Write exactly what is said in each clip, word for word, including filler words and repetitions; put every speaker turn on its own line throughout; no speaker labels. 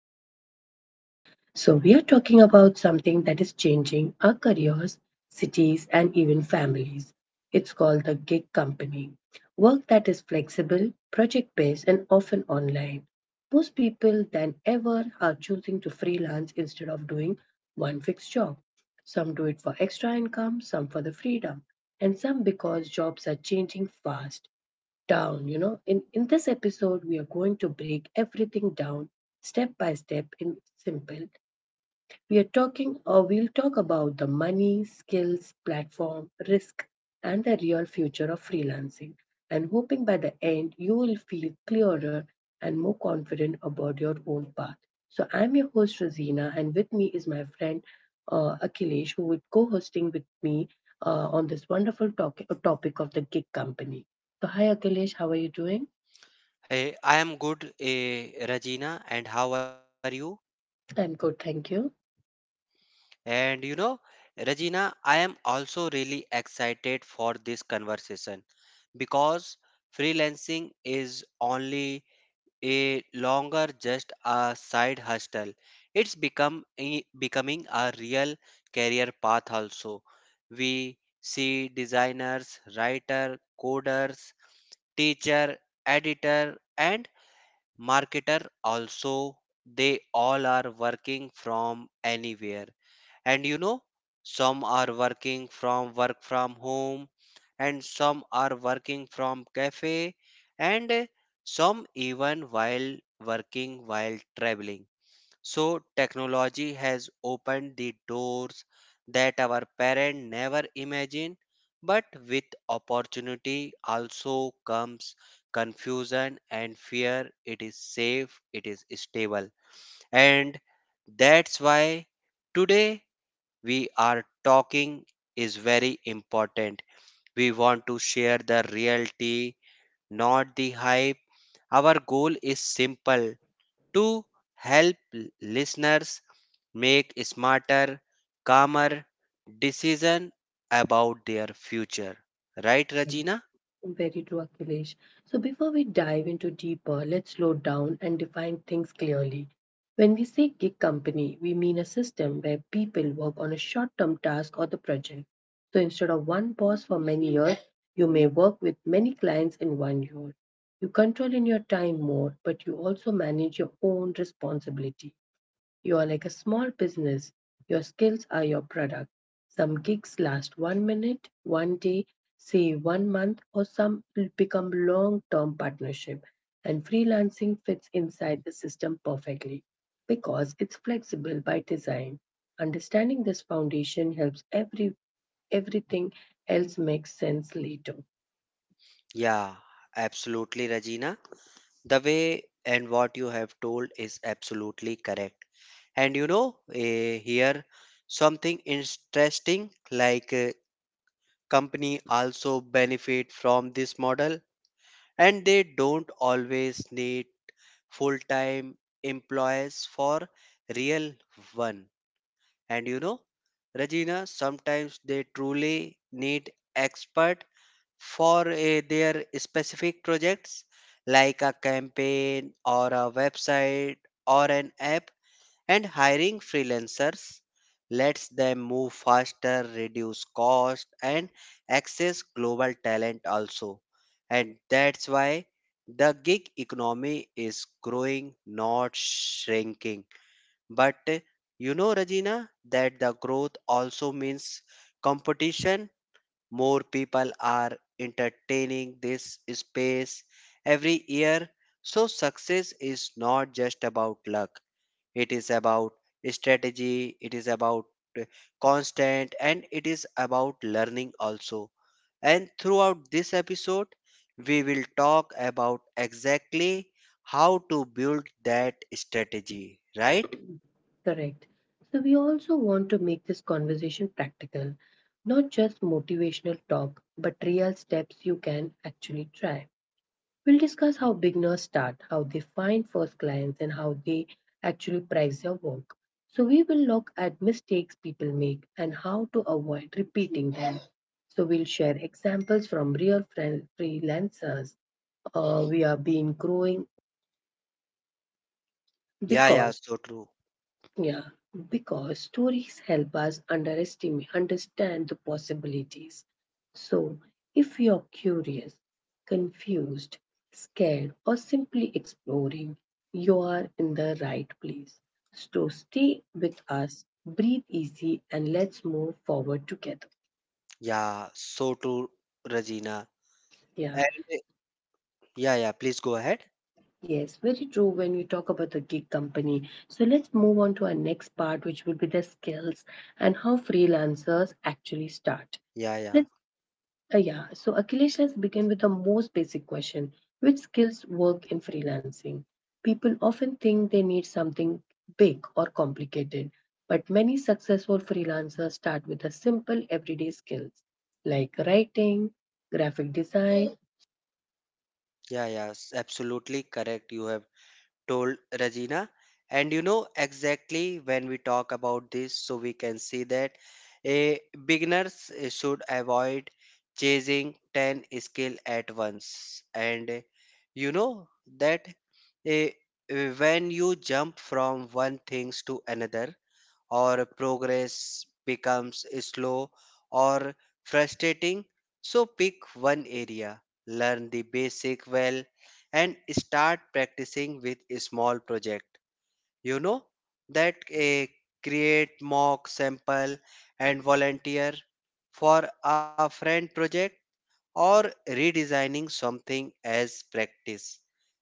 today's episode. So, we are talking about something that is changing our careers, cities, and even families. It's called the gig company. Work that is flexible, project based, and often online. Most people than ever are choosing to freelance instead of doing one fixed job. Some do it for extra income, some for the freedom, and some because jobs are changing fast down you know in in this episode we are going to break everything down step by step in simple. We are talking, or we'll talk about the money, skills, platform, risk, and the real future of freelancing. And hoping by the end you will feel clearer and more confident about your own path. So I'm your host Rosina, and with me is my friend uh, Akhilesh, who will co-hosting with me uh, on this wonderful talk- topic of the gig company. So hi Akhilesh, how are you doing?
Hey, I am good, eh, Regina, and how are you?
I'm good, thank you.
And you know, Regina, I am also really excited for this conversation because freelancing is only a longer just a side hustle. It's become a, becoming a real career path also. We see designers, writer, coders, teacher, editor, and marketer also they all are working from anywhere and you know some are working from work from home and some are working from cafe and uh, some even while working while traveling so, technology has opened the doors that our parents never imagined, but with opportunity also comes confusion and fear. It is safe, it is stable, and that's why today we are talking is very important. We want to share the reality, not the hype. Our goal is simple to help l- listeners make smarter, calmer decision about their future. Right, Regina?
Very true, Akhilesh. So, before we dive into deeper, let's slow down and define things clearly. When we say gig company, we mean a system where people work on a short term task or the project. So, instead of one boss for many years, you may work with many clients in one year. You control in your time more, but you also manage your own responsibility. You are like a small business. Your skills are your product. Some gigs last one minute, one day, say one month, or some will become long term partnership. And freelancing fits inside the system perfectly because it's flexible by design. Understanding this foundation helps every everything else make sense later.
Yeah, absolutely, Regina. The way and what you have told is absolutely correct. And you know, eh, here something interesting like eh, company also benefit from this model and they don't always need full time employees for real one. And you know, Regina, sometimes they truly need expert for eh, their specific projects like a campaign or a website or an app and hiring freelancers lets them move faster, reduce cost, and access global talent also. And that's why the gig economy is growing, not shrinking. But uh, you know, Regina, that the growth also means competition. More people are entertaining this space every year. So, success is not just about luck it is about strategy, it is about uh, constant, and it is about learning also. And throughout this episode, we will talk about exactly how to build that strategy, right?
Correct. So, we also want to make this conversation practical, not just motivational talk, but real steps you can actually try. We'll discuss how beginners start, how they find first clients, and how they actually price their work. So, we will look at mistakes people make and how to avoid repeating them. So, we'll share examples from real fran- freelancers. Uh, we are being growing the
Yeah, yeah,
cause.
so true.
Yeah, because stories help us underestimate, understand the possibilities. So, if you're curious, confused, scared, or simply exploring, you are in the right place. So, stay with us, breathe easy, and let's move forward together.
Yeah, so true, Regina.
Yeah,
And uh, yeah, yeah, please go ahead.
yes, very true when we talk about the gig company. So, let's move on to our next part, which will be the skills and how freelancers actually start.
Yeah, yeah,
Let's. Uh, yeah, so Akhilesh, let's begin with the most basic question. Which skills work in freelancing? People often think they need something big or complicated, but many successful freelancers start with the simple everyday skills like writing, graphic design.
yeah, yeah, s- absolutely correct. You have told Regina. And you know exactly when we talk about this, so we can see that a beginners uh, should avoid chasing ten skill at once. And uh, you know that uh, uh, when you jump from one things to another, or progress becomes slow or frustrating. So pick one area, learn the basic well, and start practicing with a small project. You know that a create mock sample and volunteer for a friend project or redesigning something as practice.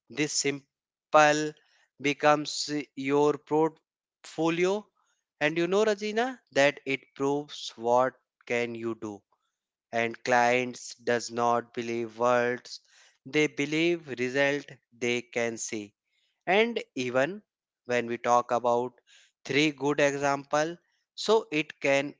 This simple becomes your portfolio. And you know, Rajina, that it proves what can you do. And clients does not believe words. They believe result they can see. And even when we talk about three good example, so it can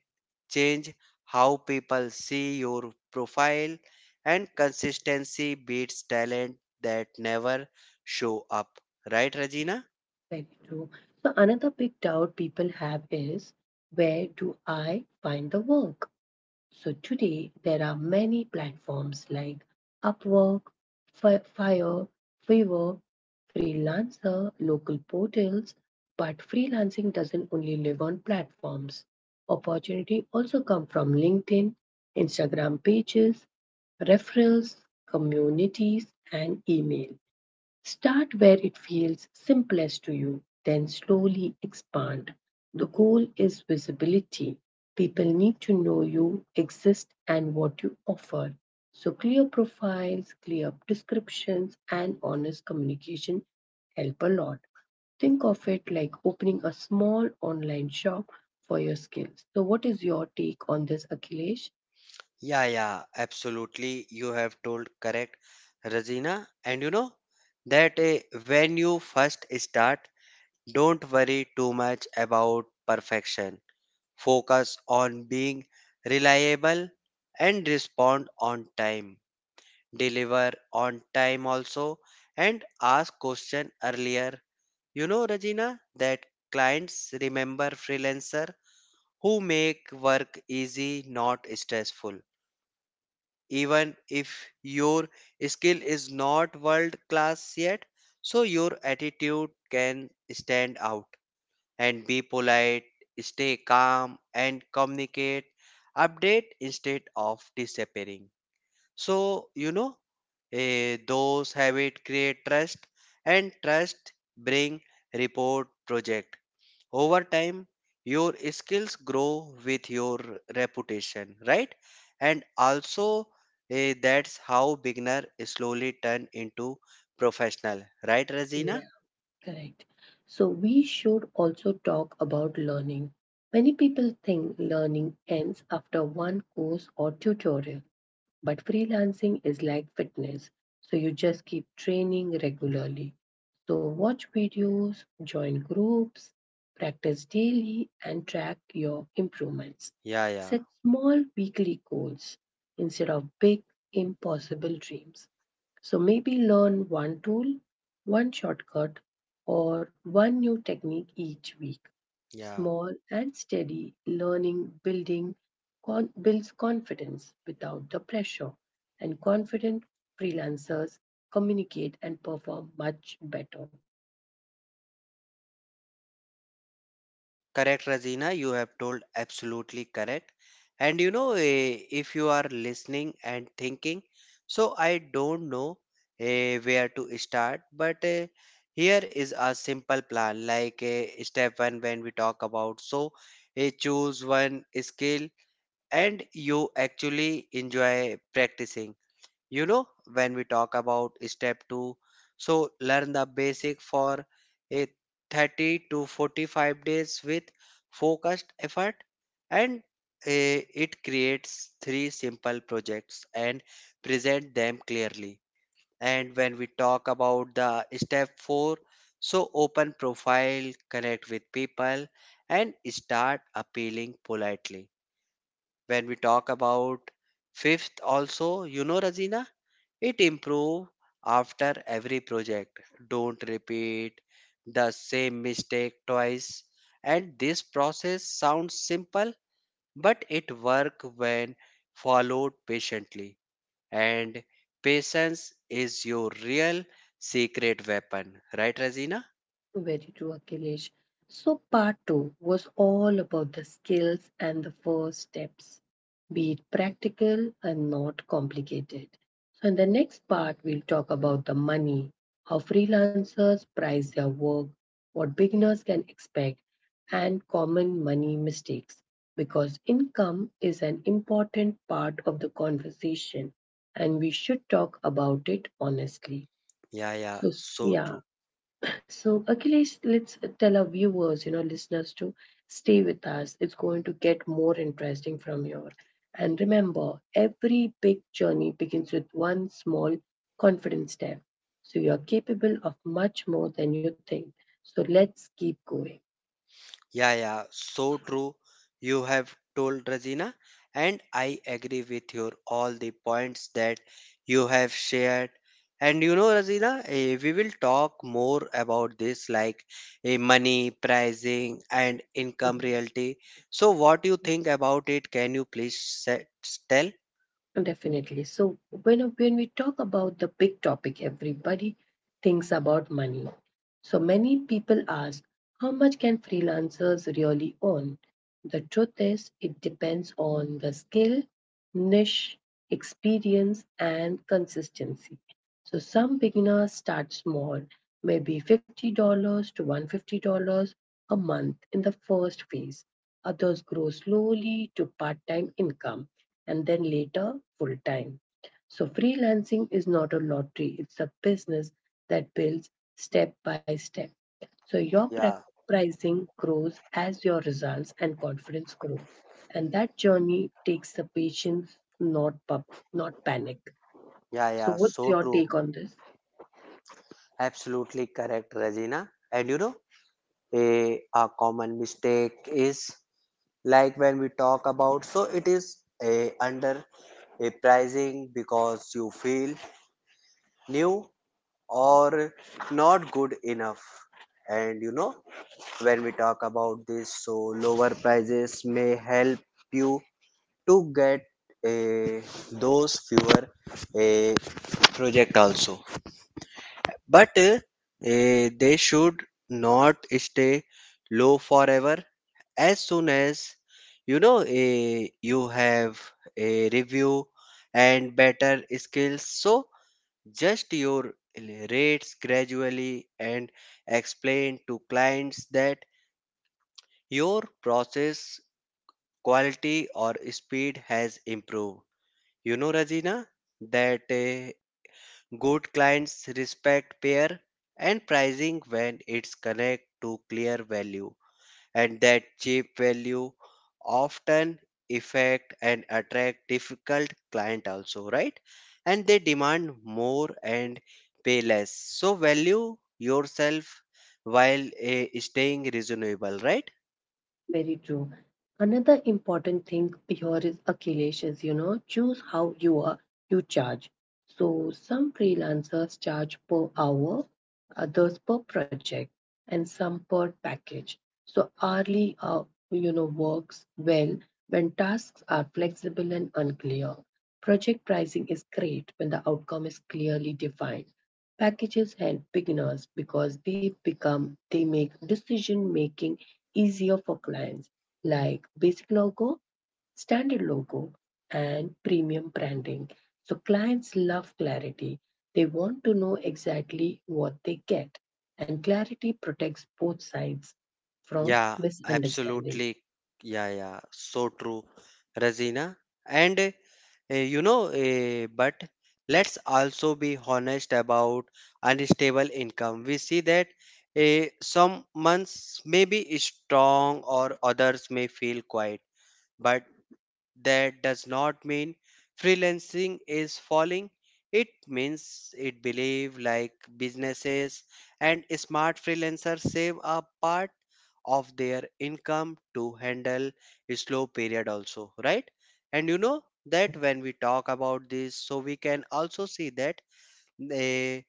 change how people see your profile and consistency beats talent that never show up, right, Regina?
Very true. So, another big doubt people have is, where do I find the work? So today there are many platforms like Upwork, Fi- Fire, Fiverr, Freelancer, local portals, but freelancing doesn't only live on platforms. Opportunity also come from LinkedIn, Instagram pages, referrals, communities and email. Start where it feels simplest to you, then slowly expand. The goal is visibility. People need to know you exist and what you offer. So, clear profiles, clear descriptions, and honest communication help a lot. Think of it like opening a small online shop for your skills. So, what is your take on this, Akhilesh?
Yeah, yeah, absolutely, you have told correct, Regina. And you know that eh, when you first start don't worry too much about perfection focus on being reliable and respond on time deliver on time also and ask question earlier. You know, Rajina, that clients remember freelancer who make work easy not stressful even if your skill is not world class yet. So your attitude can stand out and be polite, stay calm and communicate update instead of disappearing. So you know Eh, those habit create trust and trust bring report project. Over time, your skills grow with your reputation, right? And also, eh, that's how beginner slowly turn into professional, right, Razina?
Yeah. Correct. So we should also talk about learning. Many people think learning ends after one course or tutorial, but freelancing is like fitness. So you just keep training regularly. So watch videos, join groups, practice daily, and track your improvements.
Yeah, yeah,
Set small weekly goals instead of big, impossible dreams. So maybe learn one tool, one shortcut, or one new technique each week.
yeah.
Small and steady learning building con- builds confidence without the pressure, and confident freelancers communicate and perform much better.
Correct, Razina. You have told absolutely correct. And you know, eh, if you are listening and thinking, so I don't know eh, where to start, but eh, here is a simple plan. Like eh, step one, when we talk about, so eh, choose one skill and you actually enjoy practicing. You know when we talk about step two, so learn the basic for a thirty to forty-five days with focused effort and eh, it creates three simple projects and present them clearly. And when we talk about the step four, so open profile connect with people and start appealing politely. When we talk about fifth also, you know Razina, it improve after every project. Don't repeat the same mistake twice. And this process sounds simple, but it work when followed patiently. And patience is your real secret weapon, right, Razina?
Very true, Akhilesh. So, part two was all about the skills and the first steps, be it practical and not complicated. So, in the next part, we'll talk about the money, how freelancers price their work, what beginners can expect, and common money mistakes. Because income is an important part of the conversation and we should talk about it honestly.
Yeah, yeah,
So,
so true.
yeah. So, Akhilesh, let's tell our viewers, you know, listeners to stay with us. It's going to get more interesting from here. And remember, every big journey begins with one small confident step. So, you're capable of much more than you think. So, let's keep going.
Yeah, yeah, so true. You have told Rajina, and I agree with your all the points that you have shared. And you know, Rajina, eh, we will talk more about this, like eh, money, pricing, and income reality. So, what you think about it? Can you please set, tell?
Definitely. So when when we talk about the big topic, everybody thinks about money. So many people ask, how much can freelancers really earn? The truth is, it depends on the skill, niche, experience, and consistency. So some beginners start small, maybe fifty dollars to one hundred fifty dollars a month in the first phase. Others grow slowly to part-time income and then later full time. So, freelancing is not a lottery, it's a business that builds step by step. So, your
Yeah,
pricing grows as your results and confidence grow. And that journey takes the patience, not, pub- not panic.
yeah,
So,
yeah,
what's
so
your
true.
take on this?
Absolutely correct, Rajina. And you know, a a common mistake is like when we talk about so it is a under a pricing because you feel new or not good enough. And you know when we talk about this so lower prices may help you to get a those fewer a project also, but uh, eh, they should not stay low forever. As soon as you know eh, you have a review and better skills so just your rates gradually and explain to clients that your process quality or speed has improved. You know, Rajina, that eh, good clients respect pair and pricing when it's connect to clear value. And that cheap value often affect and attract difficult client also, right? And they demand more and pay less so value yourself while eh, staying reasonable, right?
Very true. Another important thing here is affiliations, you know, choose how you are you charge. So some freelancers charge per hour, others per project, and some per package. So hourly uh, you know works well when tasks are flexible and unclear. Project pricing is great when the outcome is clearly defined. Packages help beginners because they become they make decision making easier for clients like basic logo, standard logo, and premium branding. So clients love clarity. They want to know exactly what they get, and clarity protects both sides from
Yeah,
misunderstanding.
absolutely. Yeah, yeah, so true, Razina. And uh, you know, uh, but let's also be honest about unstable income. We see that uh, some months may be strong or others may feel quiet, but that does not mean freelancing is falling. It means it believe like businesses and smart freelancers save a part of their income to handle a slow period also, right? And you know that
Correct.
when we talk about this, so we can also see that they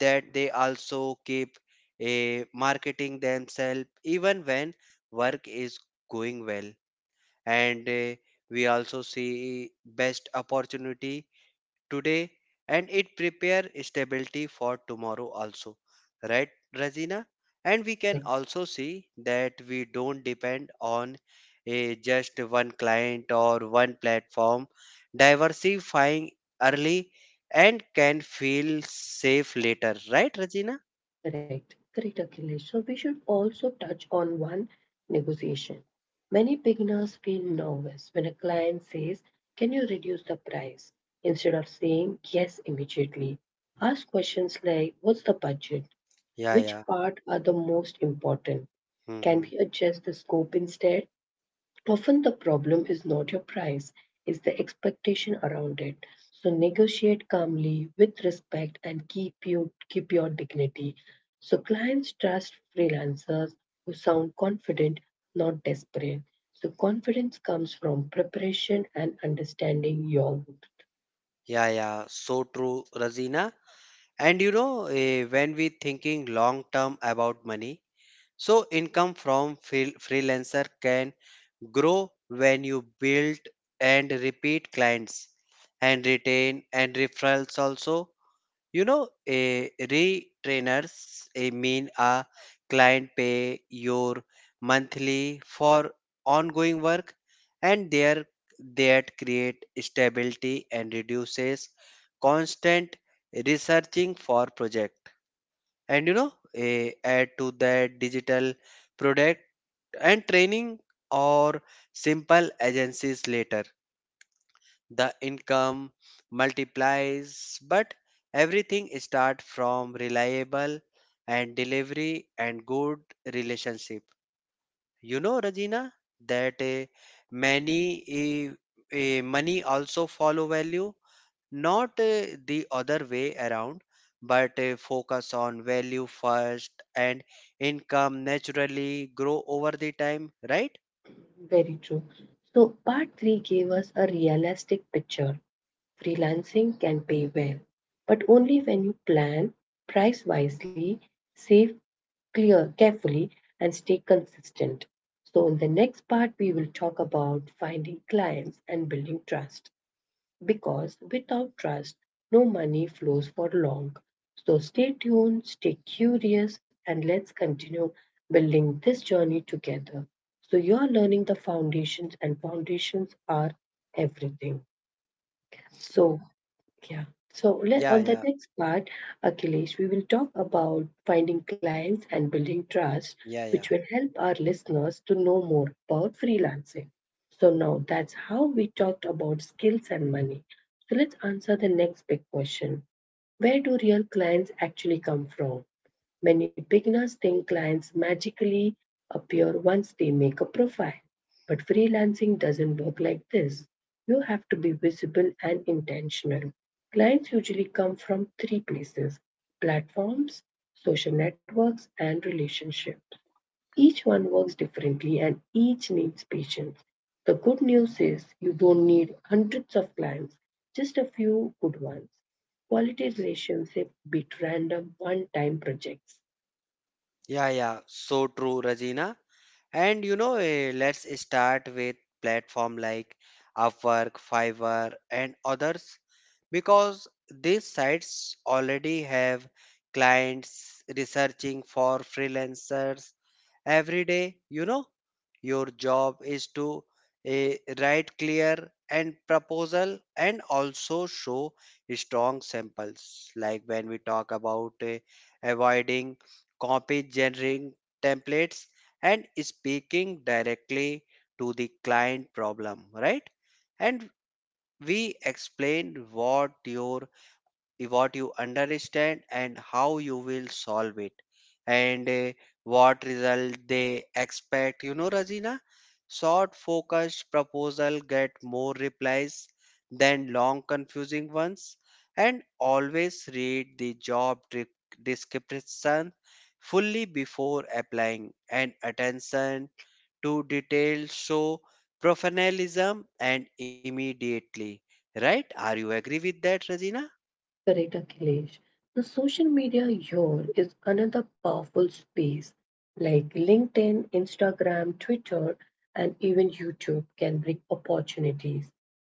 that they also keep a marketing themselves even when work is going well. And uh, we also see best opportunity today and it prepare stability for tomorrow also, right, Razina? And we can
Correct.
also see that we don't depend on a just one client or one platform, diversifying early and can feel safe later, right, Razina?
Correct, correct, Akhilesh. So we should also touch on one negotiation. Many beginners feel nervous when a client says, can you reduce the price? Instead of saying yes immediately, ask questions like, what's the budget?
Yeah,
Which
yeah.
part are the most important? Can
Hmm,
we adjust the scope instead? Often the problem is not your price, it's the expectation around it. So negotiate calmly with respect and keep you keep your dignity. So clients trust freelancers who sound confident, not desperate. So confidence comes from preparation and understanding your...
yeah, yeah, so true, Razina. And you know, eh, when we thinking long term about money, so income from freel- freelancer can grow when you build and repeat clients and retain and referrals also. You know, a retrainers a mean a client pay your monthly for ongoing work and there that create stability and reduces constant researching for project. And you know, a, add to that digital product and training or simple agencies later the income multiplies, but everything start from reliable and delivery and good relationship. You know, Rajina, that uh, many uh, uh, money also follow value, not uh, the other way around. But uh, focus on value first and income naturally grow over the time, right?
Very true. So, part three gave us a realistic picture. Freelancing can pay well, but only when you plan, price wisely, save clear carefully, and stay consistent. So, in the next part, we will talk about finding clients and building trust because without trust, no money flows for long. So stay tuned, stay curious, and let's continue building this journey together. So, you are learning the foundations, and foundations are everything. So, yeah. So let,
Yeah,
on the
yeah,
next part, Akhilesh, we will talk about finding clients and building trust,
yeah,
which
yeah,
will help our listeners to know more about freelancing. So now that's how we talked about skills and money. So let's answer the next big question. Where do real clients actually come from? Many beginners think clients magically appear once they make a profile. But freelancing doesn't work like this. You have to be visible and intentional. Clients usually come from three places: platforms, social networks, and relationships. Each one works differently and each needs patience. The good news is you don't need hundreds of clients, just a few good ones. Quality relationships beat random one time projects.
yeah, yeah, so true, Rajina. And you know, eh, let's start with platform like Upwork, Fiverr, and others because these sites already have clients researching for freelancers every day. You know, your job is to eh, write clear and proposal and also show strong samples. Like when we talk about eh, avoiding copy generating templates and speaking directly to the client problem, right? And we explain what your what you understand and how you will solve it and uh, what result they expect. You know Razina, short focused proposal get more replies than long confusing ones. And always read the job de- description fully before applying and attention to detail show professionalism and immediately, right? Are you agree with that, Razina?
Correct, Akhilesh. The social media here is another powerful space. Like LinkedIn, Instagram, Twitter, and even YouTube can bring opportunities.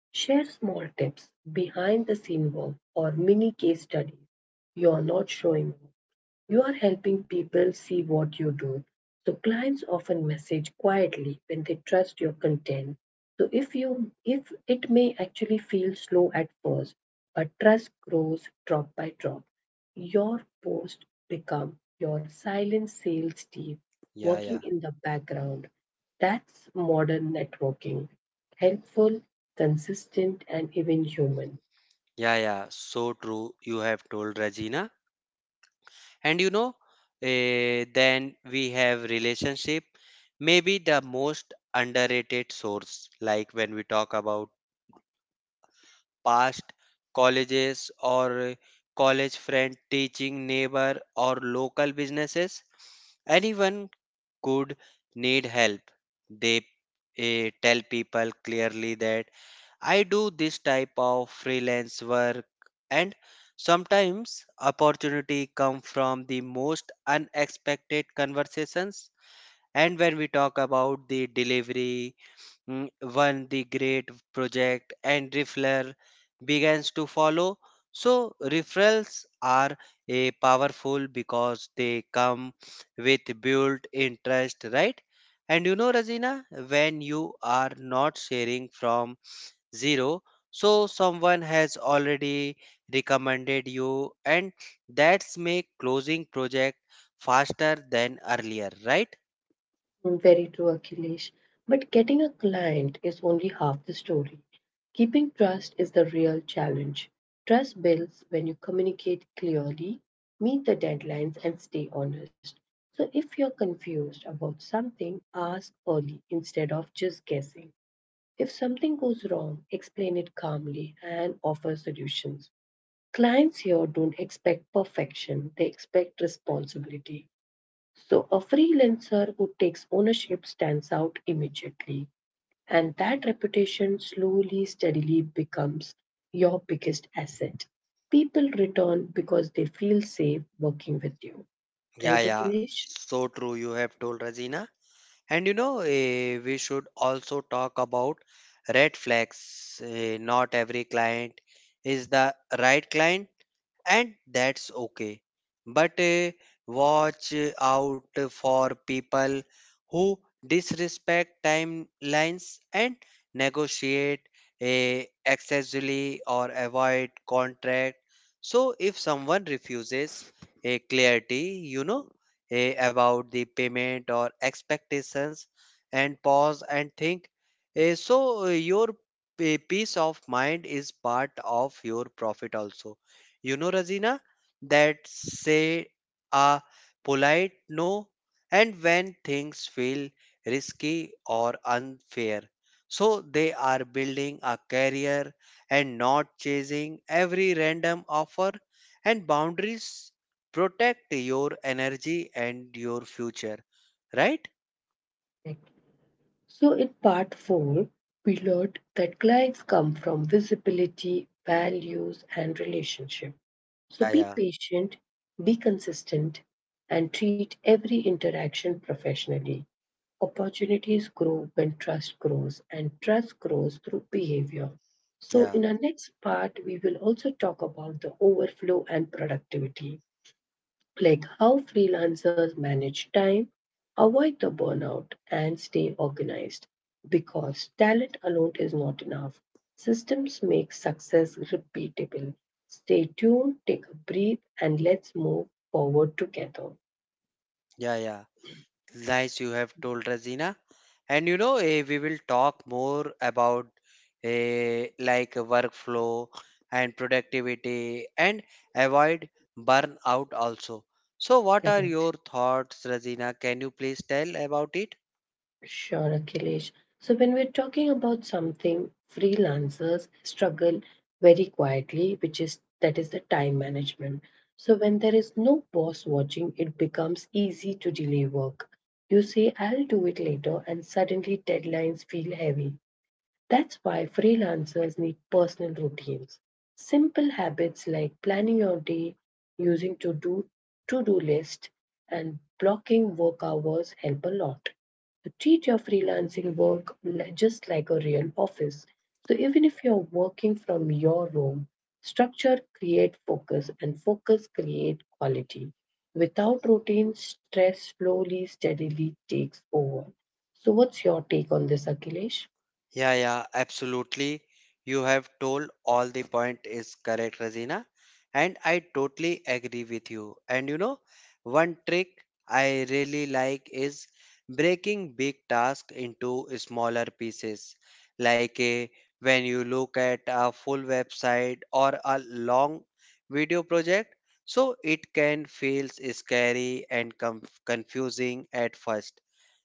Share small tips, behind the scene work, or mini case studies. You are not showing, you are helping people see what you do. So clients often message quietly when they trust your content. So if you if it may actually feel slow at first, but trust grows drop by drop. Your post become your silent sales team
Yeah,
working
yeah.
in the background. That's modern networking. Helpful, consistent and even human.
Yeah, yeah, so true. You have told Regina. And you know, eh, then we have relationship, maybe the most underrated source, like when we talk about past colleges or eh, college friend, teaching neighbor, or local businesses. Anyone could need help. They eh, tell people clearly that I do this type of freelance work and sometimes opportunity come from the most unexpected conversations. And when we talk about the delivery, mm, when the great project and referral begins to follow, so referrals are a powerful because they come with built interest, right? And you know, Razina, when you are not sharing from zero. So someone has already recommended you, and that's make closing project faster than earlier, right?
Mm, very true, Akhilesh. But getting a client is only half the story. Keeping trust is the real challenge. Trust builds when you communicate clearly, meet the deadlines, and stay honest. So if you're confused about something, ask early instead of just guessing. If something goes wrong, explain it calmly and offer solutions. Clients here don't expect perfection, they expect responsibility. So a freelancer who takes ownership stands out immediately, and that reputation slowly, steadily becomes your biggest asset. People return because they feel safe working with you. Right,
Yeah, yeah,
Akhilesh?
so true. You have told Razina, and you know eh, we should also talk about red flags. Eh, not every client is the right client and that's okay. But uh, watch out for people who disrespect timelines and negotiate uh, excessively or avoid contract. So, if someone refuses a clarity, you know, eh, about the payment or expectations, and pause and think. Eh, so, eh, your eh, peace of mind is part of your profit also. You know, Razina, that say a polite no, and when things feel risky or unfair. So they are building a career and not chasing every random offer, and boundaries protect your energy and your future, right?
Correct. So in part four, we learned that clients come from visibility, values, and relationship. So
Yeah,
be
yeah,
patient, be consistent, and treat every interaction professionally. Opportunities grow when trust grows, and trust grows through behavior. So,
yeah,
in our next part, we will also talk about the overflow and productivity like how freelancers manage time, avoid the burnout, and stay organized. Because talent alone is not enough, systems make success repeatable. Stay tuned, take a breath, and let's move forward together.
yeah, yeah. Nice you have told, Razina. And you know, eh, we will talk more about eh, like workflow and productivity and avoid burnout also. So, what are
Correct.
your thoughts, Razina? Can you please tell about it?
Sure, Akhilesh. So, when we're talking about something freelancers struggle very quietly, which is that is the time management. So, when there is no boss watching, it becomes easy to delay work. You say, I'll do it later, and suddenly deadlines feel heavy. That's why freelancers need personal routines. Simple habits like planning your day, using to do to do list, and blocking work hours help a lot. So treat your freelancing work li- just like a real office. So even if you're working from your room, structure create focus and focus create quality. Without routine, stress slowly, steadily takes over. So what's your take on this, Akhilesh?
Yeah, yeah, absolutely. You have told all the point is correct, Razina. And I totally agree with you. And you know, one trick I really like is breaking big tasks into smaller pieces. Like eh, when you look at a full website or a long video project, so it can feel scary and conf- confusing at first.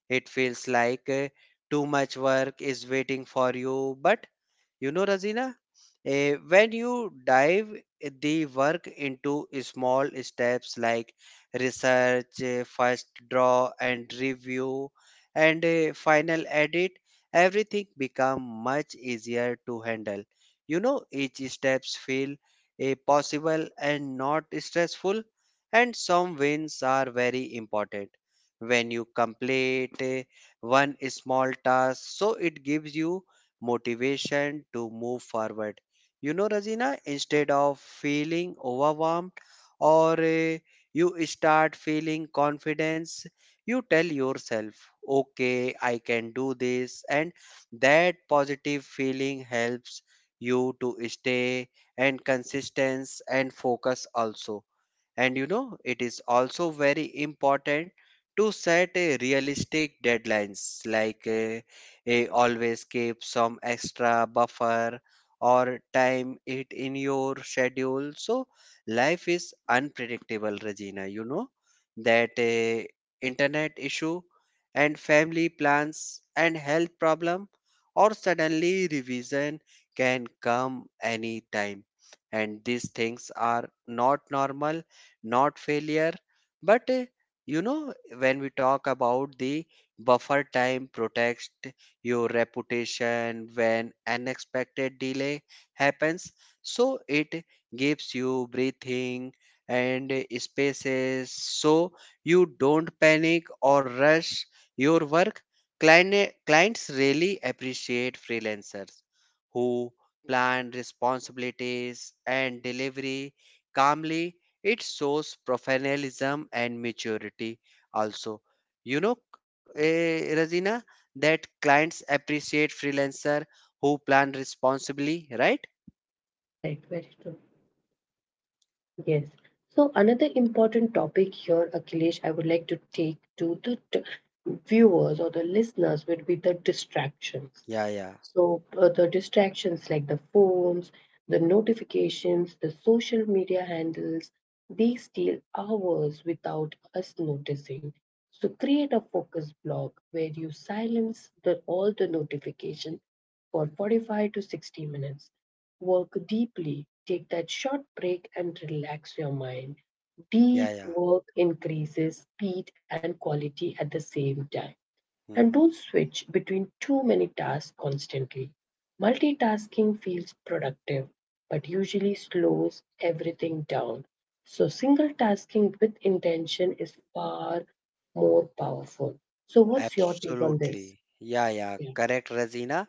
It feels like uh, too much work is waiting for you. But you know, Razina, uh, when you dive the work into small steps like research, uh, first draw and review, and uh, final edit, everything become much easier to handle. You know, each steps feel uh, possible and not stressful, and some wins are very important when you complete eh, one small task. So it gives you motivation to move forward. You know, Razina, instead of feeling overwhelmed or eh, you start feeling confidence. You tell yourself, okay, I can do this. And that positive feeling helps you to stay and consistence and focus also. And you know, it is also very important to set a realistic deadlines, like uh, eh, always keep some extra buffer or time it in your schedule. So life is unpredictable, Regina. You know that uh, internet issue and family plans and health problem or suddenly revision can come anytime, and these things are not normal, not failure, but uh, you know, when we talk about the buffer time protects your reputation when unexpected delay happens. So it gives you breathing and uh, spaces, so you don't panic or rush your work. Client, clients really appreciate freelancers who plan responsibilities and delivery calmly. It shows professionalism and maturity also. You know, eh, Razina, that clients appreciate freelancer who plan responsibly, right?
Correct, very true. Yes. So another important topic here, Akhilesh, I would like to take to the t- viewers or the listeners would be the distractions.
Yeah, yeah,
So, uh, the distractions like the phones, the notifications, the social media handles, they steal hours without us noticing. So, create a focus block where you silence the, all the notification for forty-five to sixty minutes. Work deeply, take that short break and relax your mind.
yeah,
Deep
yeah.
work increases speed and quality at the same time, and don't
hmm
switch between too many tasks constantly. Multitasking feels productive but usually slows everything down. So, single tasking with intention is far more powerful. So, what's your take on this?
Absolutely. Yeah, yeah.
Yeah.
Correct, Razina.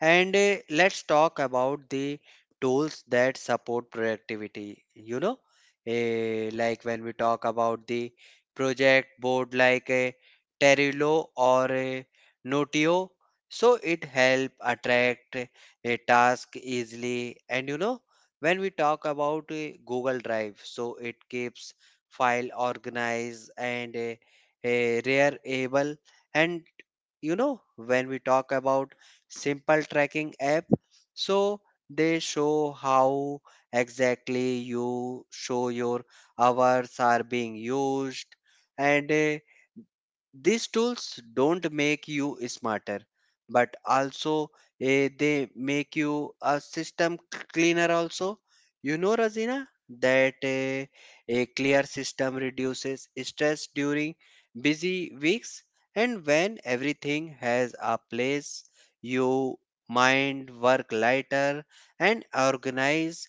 And uh, let's talk about the tools that support productivity. You know, eh, like when we talk about the project board like a Terulo or a Notio, so it help attract a task easily. And you know, when we talk about eh, Google Drive, so it keeps file organized and uh, uh, rare able. And you know, when we talk about simple tracking app, so they show how exactly you show your hours are being used. And uh, these tools don't make you smarter, but also eh, they make you a system cleaner also. You know, razina, that eh, a clear system reduces stress during busy weeks, and when everything has a place, you mind work lighter and organize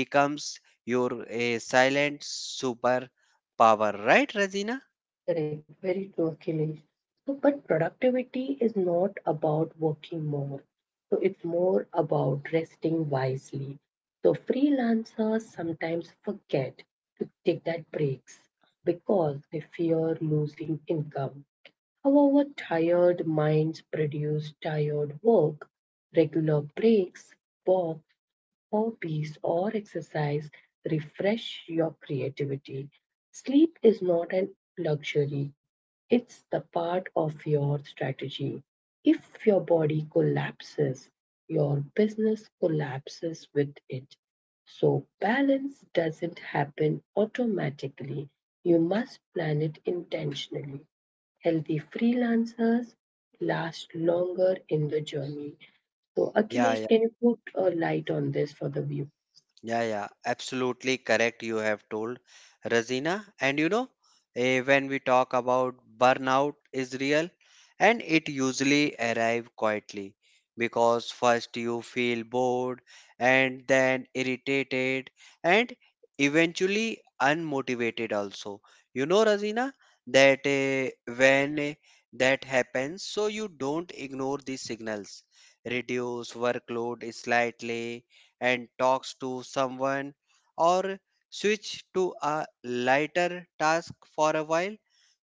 becomes your eh, silent superpower, right, razina?
Correct, very true, Akhilesh. So, but productivity is not about working more. So, it's more about resting wisely. So, freelancers sometimes forget to take that breaks because they fear losing income. However, tired minds produce tired work. Regular breaks, walks, hobbies, or exercise refresh your creativity. Sleep is not a luxury, it's the part of your strategy. If your body collapses, your business collapses with it. So, balance doesn't happen automatically. You must plan it intentionally. Healthy freelancers last longer in the journey. So,
yeah yeah.
Akhilesh, can you put a light on this for the viewers?
Yeah, yeah, absolutely correct. You have told, Razina, and you know, eh, when we talk about burnout is real, and it usually arrive quietly because first you feel bored and then irritated and eventually unmotivated also. You know, Razina, that eh, when eh, that happens, so you don't ignore these signals, reduce workload slightly and talks to someone, or switch to a lighter task for a while.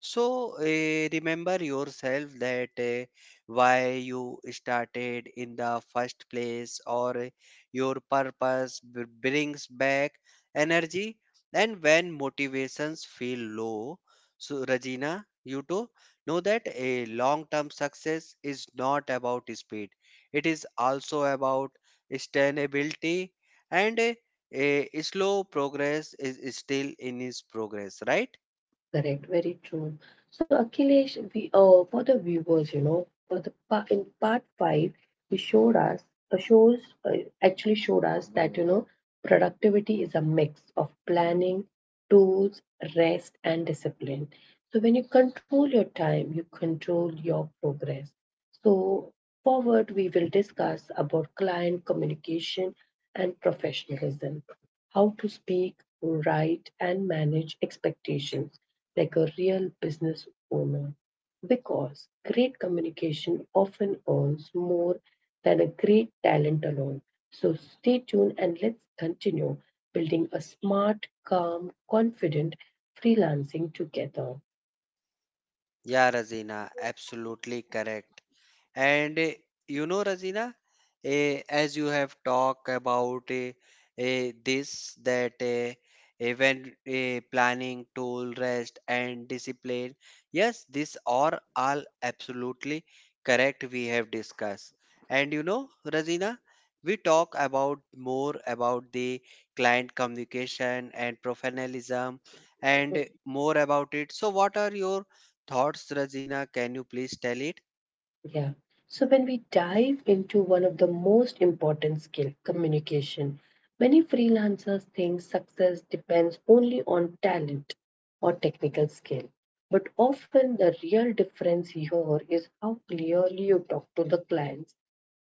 So, eh, remember yourself that eh, why you started in the first place, or your purpose b- brings back energy. And when motivations feel low, so Regina, you too know that a long term success is not about speed, it is also about sustainability and a, a slow progress is still in its progress, right?
Correct, very true. So Akhilesh, we uh, for the viewers, you know, for the pa- in part five, he showed us, uh, shows uh, actually showed us that you know productivity is a mix of planning, tools, rest, and discipline. So when you control your time, you control your progress. So forward we will discuss about client communication and professionalism, how to speak, write and manage expectations like a real business owner because great communication often earns more than a great talent alone. So stay tuned and let's continue building a smart, calm, confident freelancing together.
yeah Razina, absolutely correct. And eh, you know, Razina, eh, as you have talked about eh, eh, this, that eh, eh, when eh, planning, tool, rest, and discipline, yes, these are all absolutely correct. We have discussed. And you know, Razina, we talk about more about the client communication and professionalism and more about it. So, what are your thoughts, Razina? Can you please tell it?
Yeah. So when we dive into one of the most important skill, communication, many freelancers think success depends only on talent or technical skill. But often the real difference here is how clearly you talk to the clients.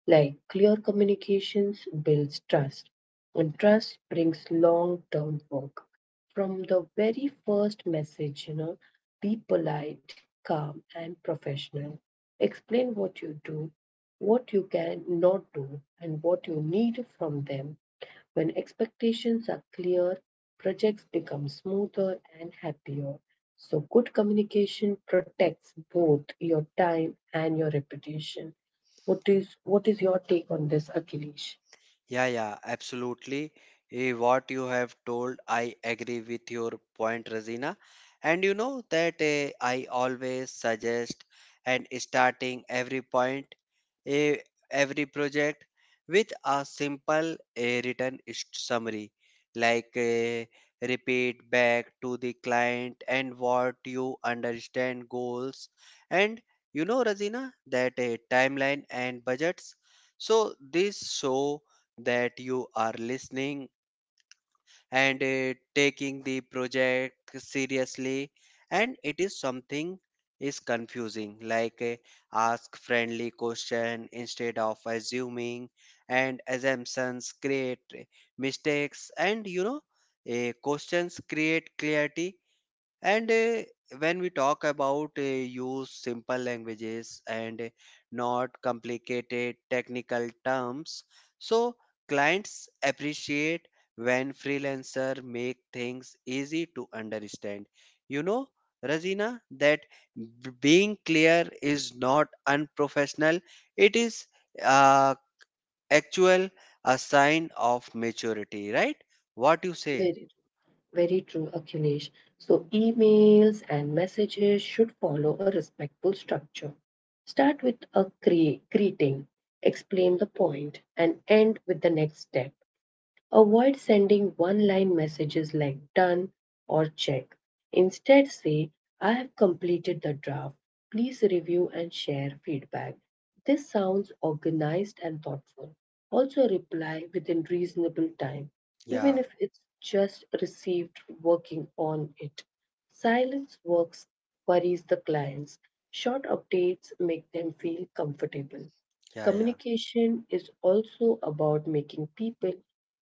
Like clear communications builds trust, and trust brings long-term work. From the very first message, you know, be polite, calm, and professional. Explain what you do, what you can not do, and what you need from them. When expectations are clear, projects become smoother and happier. So, good communication protects both your time and your reputation. What is what is your take on this, Akhilesh?
Yeah, yeah, absolutely. Eh, What you have told, I agree with your point, Razina. And you know that eh, I always suggest and starting every point, eh, every project with a simple eh, written s- summary, like eh, repeat back to the client and what you understand goals. And you know, Razina, that a timeline and budgets. So this show that you are listening and uh, taking the project seriously, and it is something is confusing like uh, ask friendly question instead of assuming, and assumptions create mistakes. And you know, uh, questions create clarity. And uh, when we talk about uh, use simple languages and uh, not complicated technical terms, so clients appreciate when freelancer make things easy to understand. You know, Razina, that b- being clear is not unprofessional. It is uh, actual a sign of maturity, right? What you say?
Very Very true, Akhilesh. So, emails and messages should follow a respectful structure. Start with a cre- greeting, explain the point, and end with the next step. Avoid sending one line messages like done or check. Instead, say, I have completed the draft. Please review and share feedback. This sounds organized and thoughtful. Also, reply within reasonable time, even
Yeah,
if it's just received working on it. Silence works worries the clients. Short updates make them feel comfortable.
yeah, yeah.
Communication is also about making people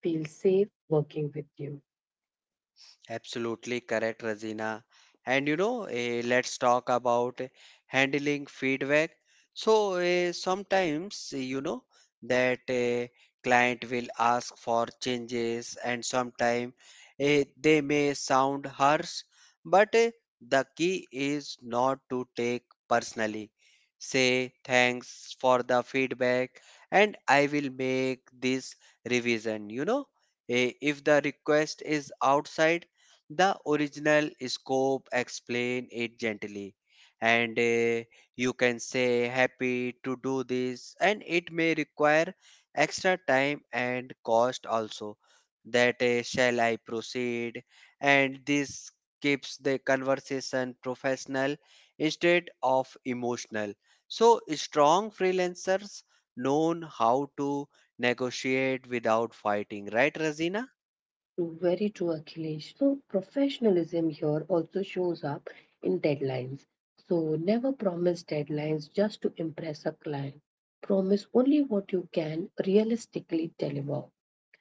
feel safe working with you.
Absolutely correct, Razina. And you know, eh, let's talk about handling feedback. So eh, sometimes eh, you know that a client will ask for changes, and sometimes they may sound harsh, but eh, the key is not to take personally. Say thanks for the feedback, and I will make this revision. You know, Eh, if the request is outside the original scope, explain it gently. And uh, you can say happy to do this, and it may require extra time and cost also. That uh, shall I proceed? And this keeps the conversation professional instead of emotional. So strong freelancers known how to negotiate without fighting, right, Razina?
True, very true, Akhilesh. So, professionalism here also shows up in deadlines. So, never promise deadlines just to impress a client. Promise only what you can realistically deliver.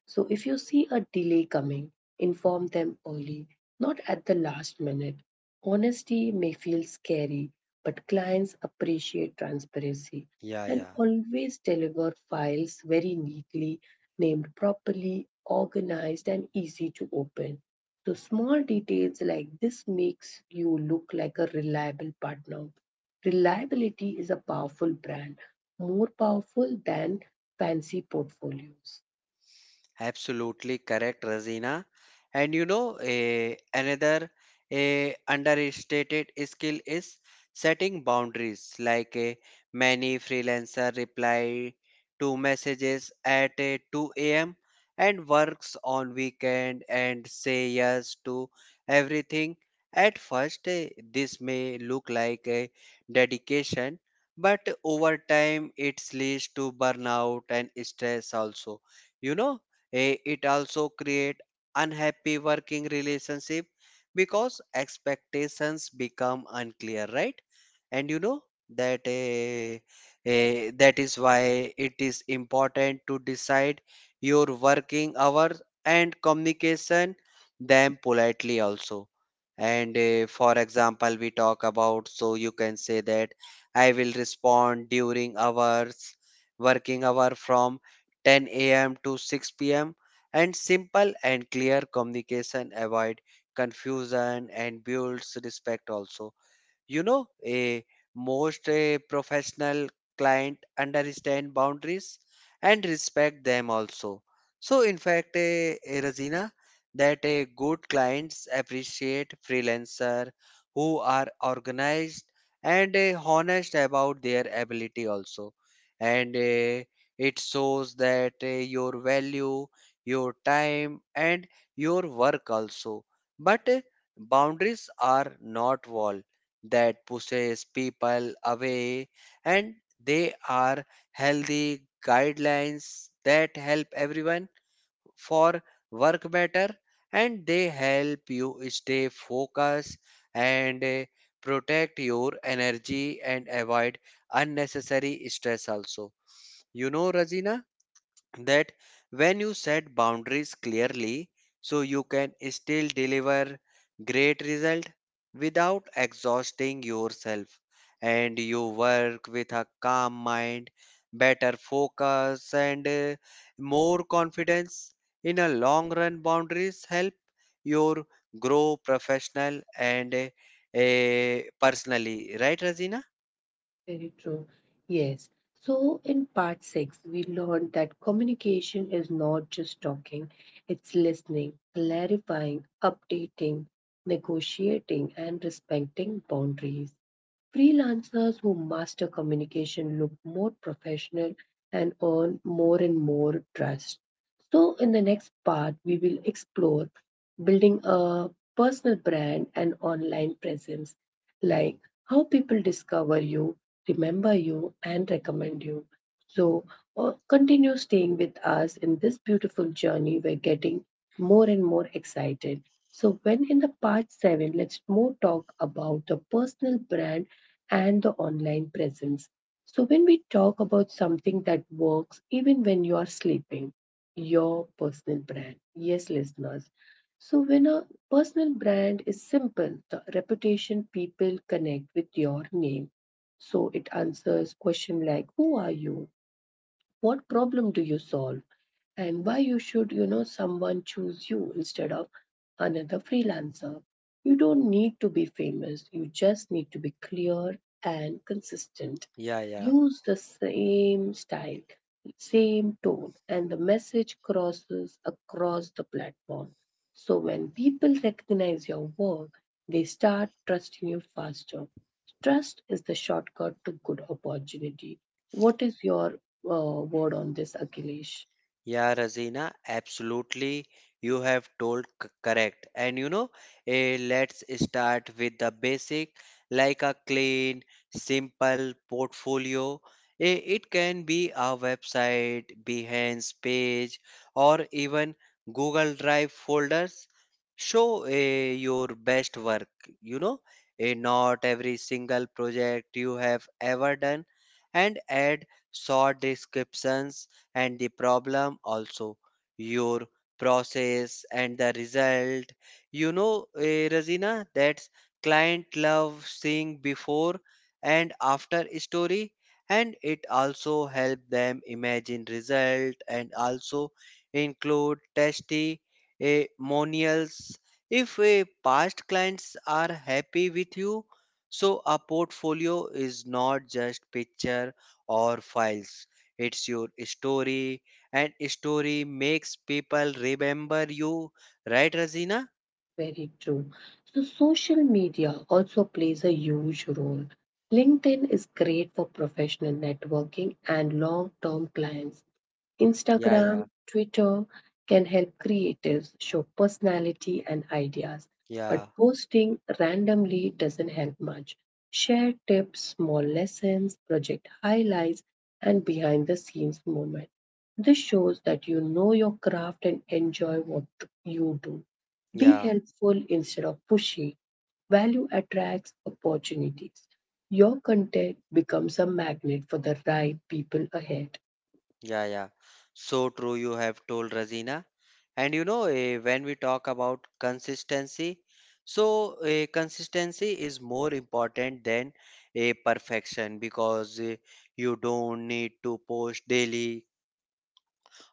So if you see a delay coming, inform them early, not at the last minute. Honesty may feel scary, but clients appreciate transparency
yeah
and
yeah
always deliver files very neatly, named properly, organized, and easy to open. So small details like this makes you look like a reliable partner. Reliability is a powerful brand, more powerful than fancy portfolios.
Absolutely correct, Razina. And you know, a, another a understated skill is setting boundaries. Like a, many freelancer reply to messages at a two a m and works on weekend and say yes to everything. At first, eh, this may look like a dedication, but over time, it leads to burnout and stress also. You know, Eh, it also create unhappy working relationship because expectations become unclear, right? And you know that eh, eh, that is why it is important to decide your working hours and communication them politely also. And eh, for example, we talk about, so you can say that I will respond during hours working hour from ten a m to six p m And simple and clear communication avoid confusion and builds respect also. You know, a most a professional client understand boundaries and respect them also. So, in fact, a, a Razina, that a good clients appreciate freelancer who are organized and eh, honest about their ability also, and eh, it shows that eh, your value, your time, and your work also. But eh, boundaries are not wall that pushes people away, and they are healthy guidelines that help everyone for work better. And they help you stay focused and uh, protect your energy and avoid unnecessary stress also. You know, razina, that when you set boundaries clearly, so you can still deliver great result without exhausting yourself. And you work with a calm mind, better focus, and uh, more confidence. In a long run, boundaries help your grow professional and uh, eh, personally, right, razina?
Very true. Yes. So, in part six, we learned that communication is not just talking, it's listening, clarifying, updating, negotiating, and respecting boundaries. Freelancers who master communication look more professional and earn more and more trust. So, in the next part, we will explore building a personal brand and online presence, like how people discover you, remember you, and recommend you. So, uh, continue staying with us in this beautiful journey. We're getting more and more excited. So, when in the part seven, let's more talk about the personal brand and the online presence. So, when we talk about something that works even when you are sleeping, your personal brand. Yes, listeners. So, when a personal brand is simple, the reputation people connect with your name. So it answers question like who are you? What problem do you solve? And why you should you know someone choose you instead of another freelancer? You don't need to be famous, you just need to be clear and consistent.
Yeah, yeah.
Use the same style, same tone and the message crosses across the platform. So when people recognize your work, they start trusting you faster. Trust is the shortcut to good opportunity. What is your uh, word on this, Akhilesh?
Yeah, Razina, absolutely. You have told c- correct. And you know, eh, let's start with the basic, like a clean, simple portfolio. Eh, it can be a website, Behance page, or even Google Drive folders. Show eh, your best work. You know, eh, not every single project you have ever done, and add short descriptions and the problem also, your process and the result. You know, eh, Razina, that's client love seeing before and after story, and it also help them imagine result. And also include testy testimonials if a past clients are happy with you. So a portfolio is not just picture or files, it's your story, and story makes people remember you, right, Razina?
Very true. So, social media also plays a huge role. LinkedIn is great for professional networking and long term clients,
Yeah, yeah,
Instagram, Twitter can help creatives show personality and ideas, but
yeah,
posting randomly doesn't help much. Share tips, small lessons, project highlights, and behind the scenes moment. This shows that you know your craft and enjoy what you do. Be
yeah,
helpful instead of pushy. Value attracts opportunities. Your content becomes a magnet for the right people ahead.
yeah, yeah. So true, you have told, Razina. And you know, eh, when we talk about consistency, so eh, consistency is more important than a perfection. Because eh, you don't need to post daily,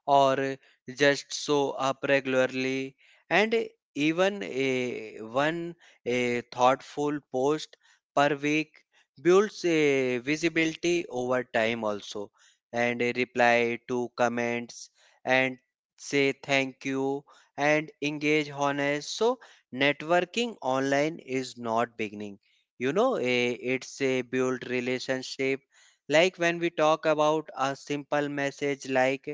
or just show up regularly, and even a one a thoughtful post per week builds a visibility over time also. And a reply to comments and say thank you and engage honest. So networking online is not beginning. You know, eh, it's a build relationship. Like when we talk about a simple message like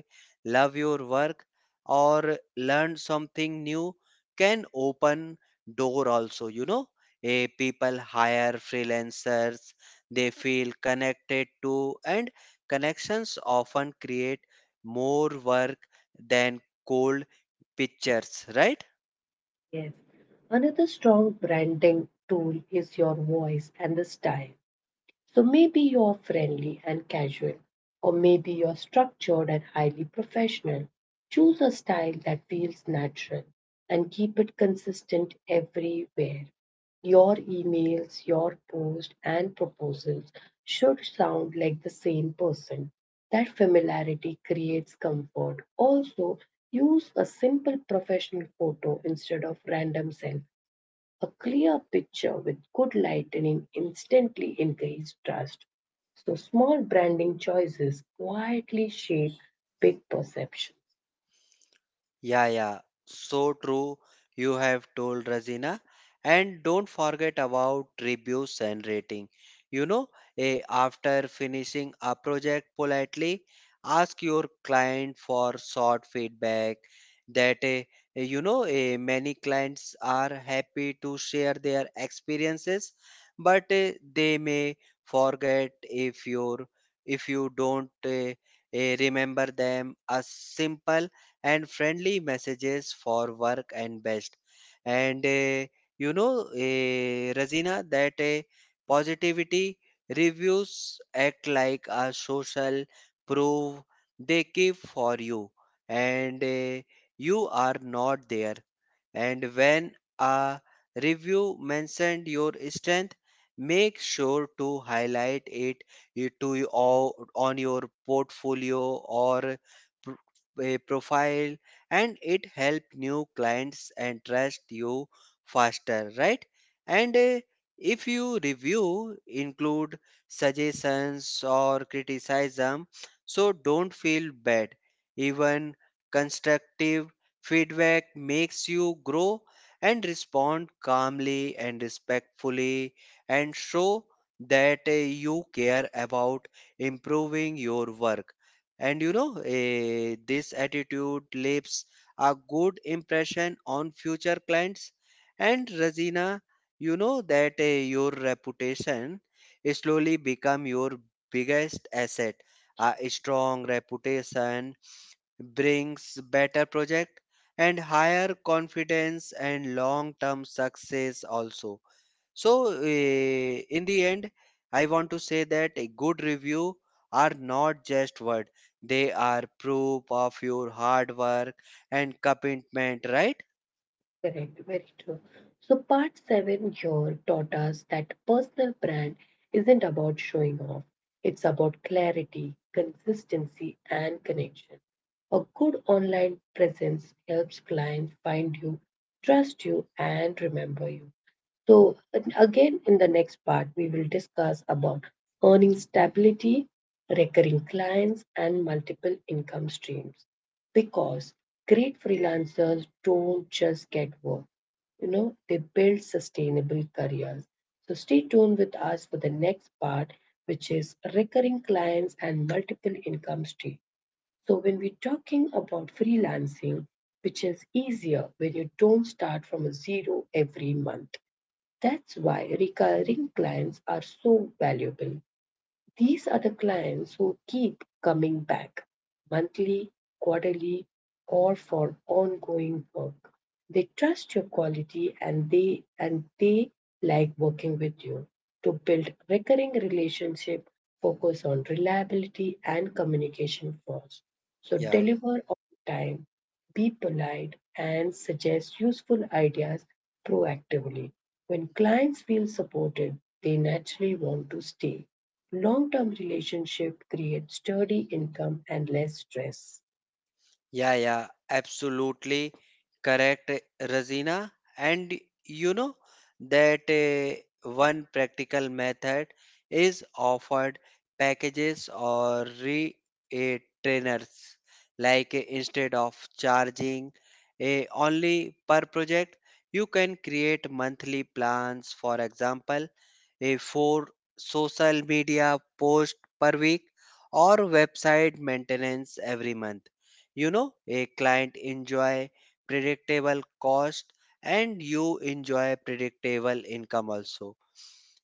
love your work or learn something new can open door also. You know, a people hire freelancers they feel connected to, and connections often create more work than cold pictures, right?
Yes. Another strong branding tool is your voice and the style. So maybe you're friendly and casual, or maybe you're structured and highly professional. Choose a style that feels natural and keep it consistent everywhere. Your emails, your posts, and proposals should sound like the same person. That familiarity creates comfort. Also, use a simple professional photo instead of random selfies. A clear picture with good lighting instantly encourages trust. So small branding choices quietly shape big perception.
Yeah, yeah, so true. You have told, Razina. And don't forget about reviews and rating. You know, eh, after finishing a project politely, ask your client for short feedback. That eh, eh, you know, eh, many clients are happy to share their experiences, but eh, they may forget if you if you don't eh, eh, remember them. A simple and friendly messages for work and best. And uh, you know, uh, Razina, that uh, positivity reviews act like a social proof they give for you, and uh, you are not there and when a review mentioned your strength, make sure to highlight it i- to y- o- on your portfolio or pro- a profile. And it help new clients and trust you faster, right? and uh, if you review include suggestions or criticism, so don't feel bad. Even constructive feedback makes you grow, and respond calmly and respectfully and show that uh, you care about improving your work. And you know, eh, This attitude leaves a good impression on future clients. And Razina, you know that uh, your reputation slowly become your biggest asset. A strong reputation brings better project and higher confidence and long term success also. So eh, in the end, I want to say that a good review are not just word, they are proof of your hard work and commitment, right?
Correct, very true. So, part seven here taught us that personal brand isn't about showing off, it's about clarity, consistency, and connection. A good online presence helps clients find you, trust you, and remember you. So, and again, in the next part, we will discuss about earning stability, recurring clients, and multiple income streams because great freelancers don't just get work, you know, they build sustainable careers. So stay tuned with us for the next part, which is recurring clients and multiple income stream. So when we're talking about freelancing, which is easier when you don't start from a zero every month. That's why recurring clients are so valuable. These are the clients who keep coming back monthly, quarterly, or for ongoing work. They trust your quality and they and they like working with you. To build recurring relationship, focus on reliability and communication first. So
yeah
deliver on time, be polite and suggest useful ideas proactively. When clients feel supported, they naturally want to stay. Long term relationship create sturdy income and less stress.
Yeah, yeah, absolutely correct, Razina. And you know that uh, one practical method is offered packages or re uh, trainers. Like uh, instead of charging uh, only per project, you can create monthly plans. For example, a four social media post per week or website maintenance every month. You know, a client enjoy predictable cost and you enjoy predictable income also.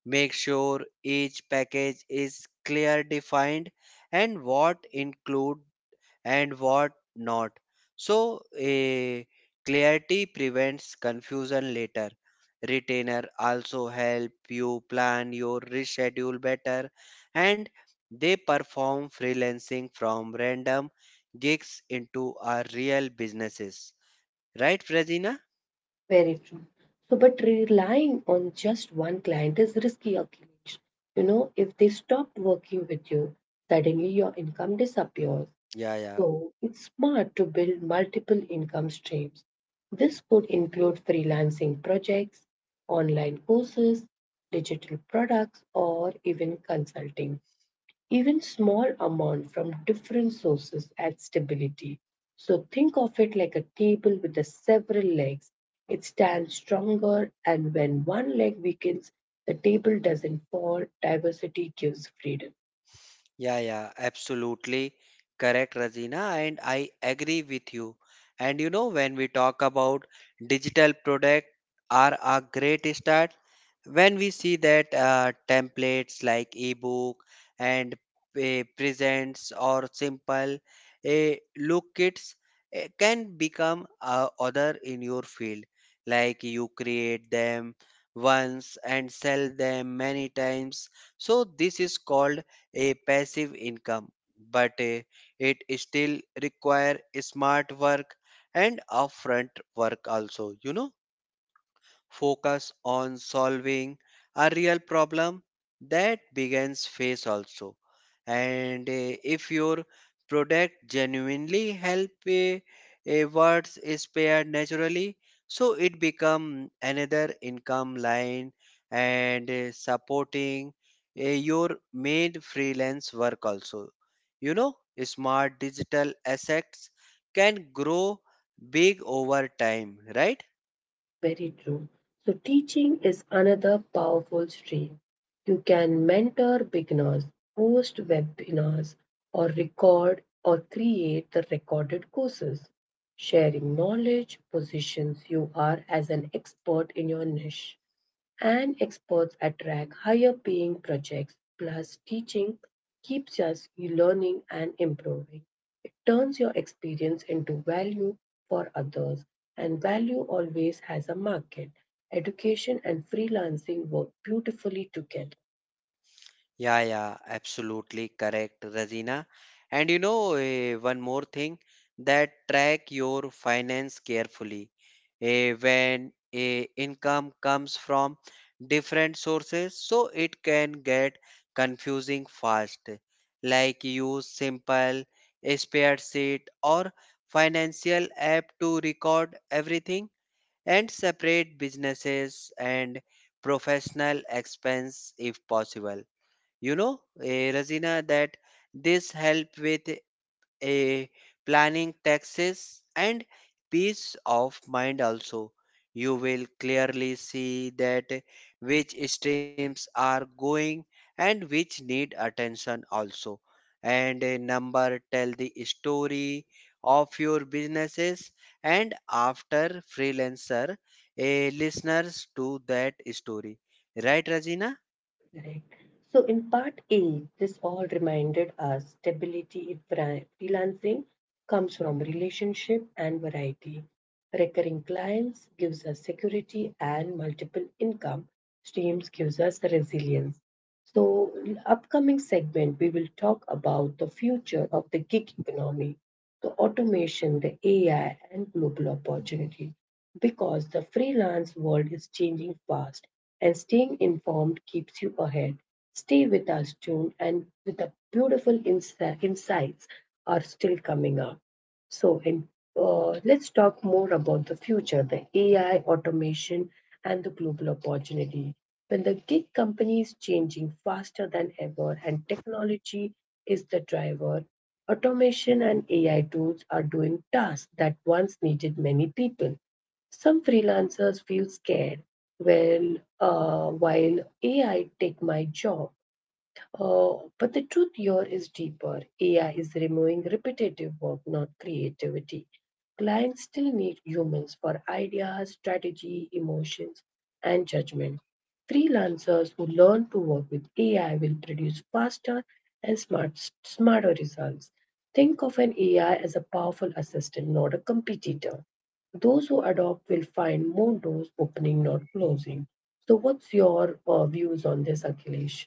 Make sure each package is clear defined and what include and what not. So, a clarity prevents confusion later. Retainer also help you plan your reschedule better, and they perform freelancing from random gigs into our real businesses. Right, Razina?
Very true. So, but relying on just one client is risky, Akhilesh. You know, if they stop working with you, suddenly your income disappears.
Yeah, yeah,
So, it's smart to build multiple income streams. This could include freelancing projects, online courses, digital products, or even consulting. Even small amount from different sources add stability. So think of it like a table with the several legs. It stands stronger and when one leg weakens, the table doesn't fall. Diversity gives freedom.
yeah, yeah, absolutely correct, Razina, and I agree with you. And you know, when we talk about digital product are a great start, when we see that uh, templates like ebook and eh, presents or simple eh, look kits eh, can become a other in your field. Like you create them once and sell them many times, so this is called a passive income. But eh, it still require smart work and upfront work also. You know, focus on solving a real problem that begins face also. And eh, if your product genuinely help a, a words is spared naturally, so it become another income line and eh, supporting eh, your main freelance work also. You know, smart digital assets can grow big over time, right?
Very true. So, teaching is another powerful stream. You can mentor beginners, host webinars, or record or create the recorded courses. Sharing knowledge positions you are as an expert in your niche and experts attract higher paying projects. Plus, teaching keeps us learning and improving. It turns your experience into value for others, and value always has a market. Education and freelancing work beautifully together.
Yeah, yeah, absolutely correct, Razina. And you know, eh, one more thing, that track your finance carefully. Eh, when eh, income comes from different sources, so it can get confusing fast. Like use simple eh, spreadsheet or financial app to record everything and separate businesses and professional expense if possible. You know, eh, Razina, that this help with a planning taxes and peace of mind also. You will clearly see that which streams are going and which need attention also. And a number tell the story of your businesses, and after freelancer a listeners to that story, right, Razina?
Right. So in part A, this all reminded us stability in fri- freelancing comes from relationship and variety. Recurring clients gives us security and multiple income streams gives us resilience. So, in upcoming segment, we will talk about the future of the gig economy, the automation, the A I, and global opportunity. Because the freelance world is changing fast, and staying informed keeps you ahead. Stay with us, June, and with the beautiful ins- insights are still coming up. So, in, uh, let's talk more about the future, the A I, automation, and the global opportunity. When the gig economy is changing faster than ever and technology is the driver, automation and A I tools are doing tasks that once needed many people. Some freelancers feel scared. Well, uh, while A I take my job, uh, but the truth here is deeper. A I is removing repetitive work, not creativity. Clients still need humans for ideas, strategy, emotions, and judgment. Freelancers who learn to work with A I will produce faster and smart, smarter results. Think of an A I as a powerful assistant, not a competitor. Those who adopt will find more doors opening, not closing. So, what's your uh, views on this, Akhilesh?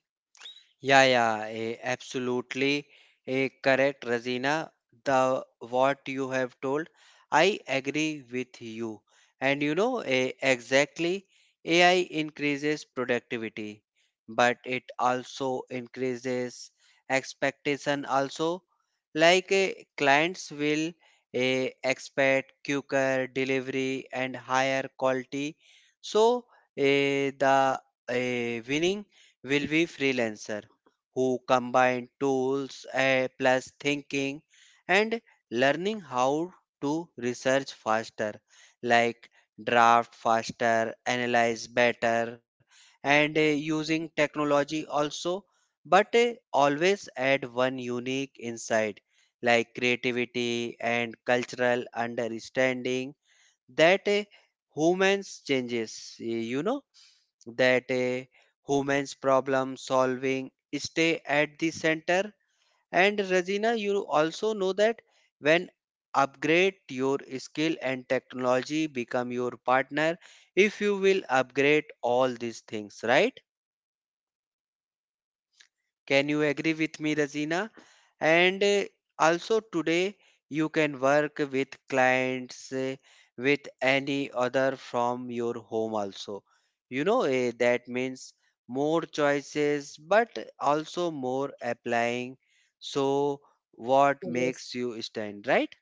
Yeah, yeah, eh, absolutely eh, correct, Razina. The what you have told, I agree with you. And you know, eh, exactly, A I increases productivity, but it also increases expectation also. Like eh, clients will eh, expect quicker delivery and higher quality. So eh, the eh, winning will be freelancer who combine tools eh, plus thinking and learning how to research faster, like draft faster, analyze better, and eh, using technology also, but eh, always add one unique insight like creativity and cultural understanding that eh, humans changes. Eh, you know that a woman's problem solving stay at the center. And Regina, you also know that when upgrade your skill and technology become your partner if you will upgrade all these things, right? Can you agree with me, Razina? And uh, Also today you can work with clients uh, with any other from your home also. You know uh, that means more choices, but also more applying. So what
Yes.
makes you stand, right?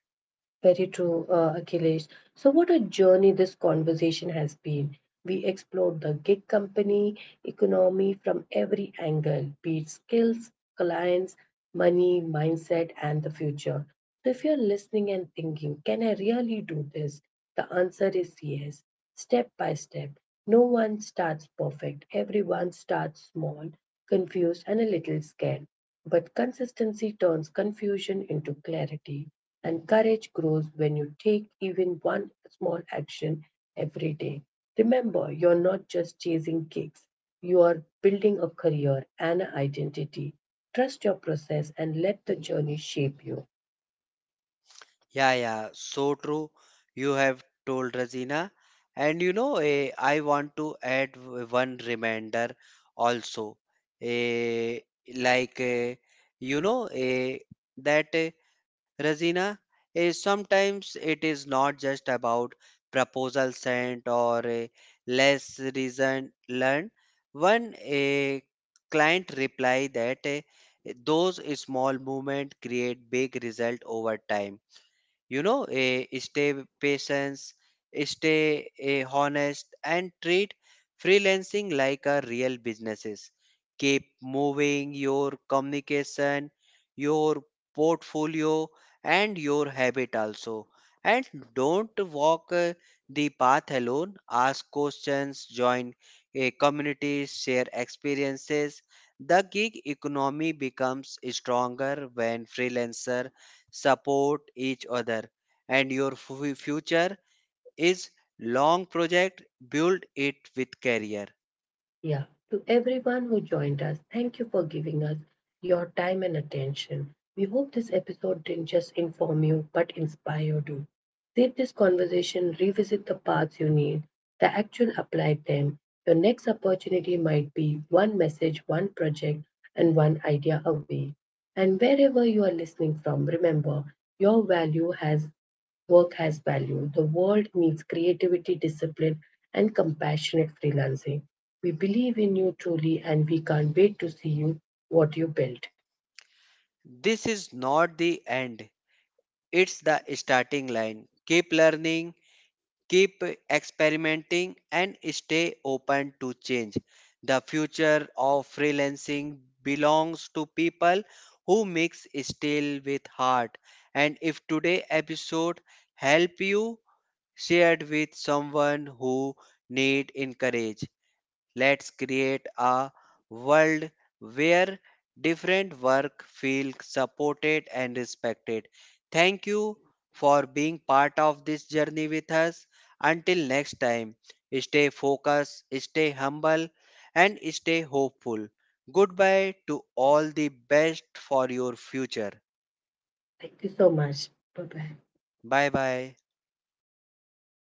Very true, uh, Akhilesh. So, what a journey this conversation has been. We explored the gig company economy from every angle, be it skills, clients, money, mindset, and the future. So, if you're listening and thinking, can I really do this? The answer is yes, step by step. No one starts perfect, everyone starts small, confused, and a little scared. But consistency turns confusion into clarity, and courage grows when you take even one small action every day. Remember, you're not just chasing gigs, you are building a career and an identity. Trust your process and let the journey shape you.
Yeah, yeah, so true. You have told Razina. And you know, eh, I want to add w- one reminder also. Eh, like, eh, you know, eh, that eh, Razina, eh, sometimes it is not just about proposal sent or eh, less reason learned. One eh, client reply, that eh, those small movement create big result over time. You know, eh, stay patience, stay eh, honest, and treat freelancing like a real businesses. Keep moving your communication, your portfolio, and your habit also. And don't walk eh, the path alone. Ask questions, join a community, share experiences. The gig economy becomes stronger when freelancer support each other, and your fu- future is long project. Build it with career.
Yeah. To everyone who joined us, thank you for giving us your time and attention. We hope this episode didn't just inform you, but inspire you. Save this conversation, revisit the paths you need, the actual apply them. Your next opportunity might be one message, one project, and one idea away. And wherever you are listening from, remember your value has work has value. The world needs creativity, discipline, and compassionate freelancing. We believe in you truly, and we can't wait to see you what you built.
This is not the end, it's the starting line. Keep learning, keep experimenting, and stay open to change. The future of freelancing belongs to people who mix steel with heart. And if today episode help you, shared with someone who need encourage. Let's create a world where different work feel supported and respected. Thank you for being part of this journey with us. Until next time, stay focused, stay humble, and stay hopeful. Goodbye to all the best for your future.
Thank you so much. Bye bye.
Bye bye.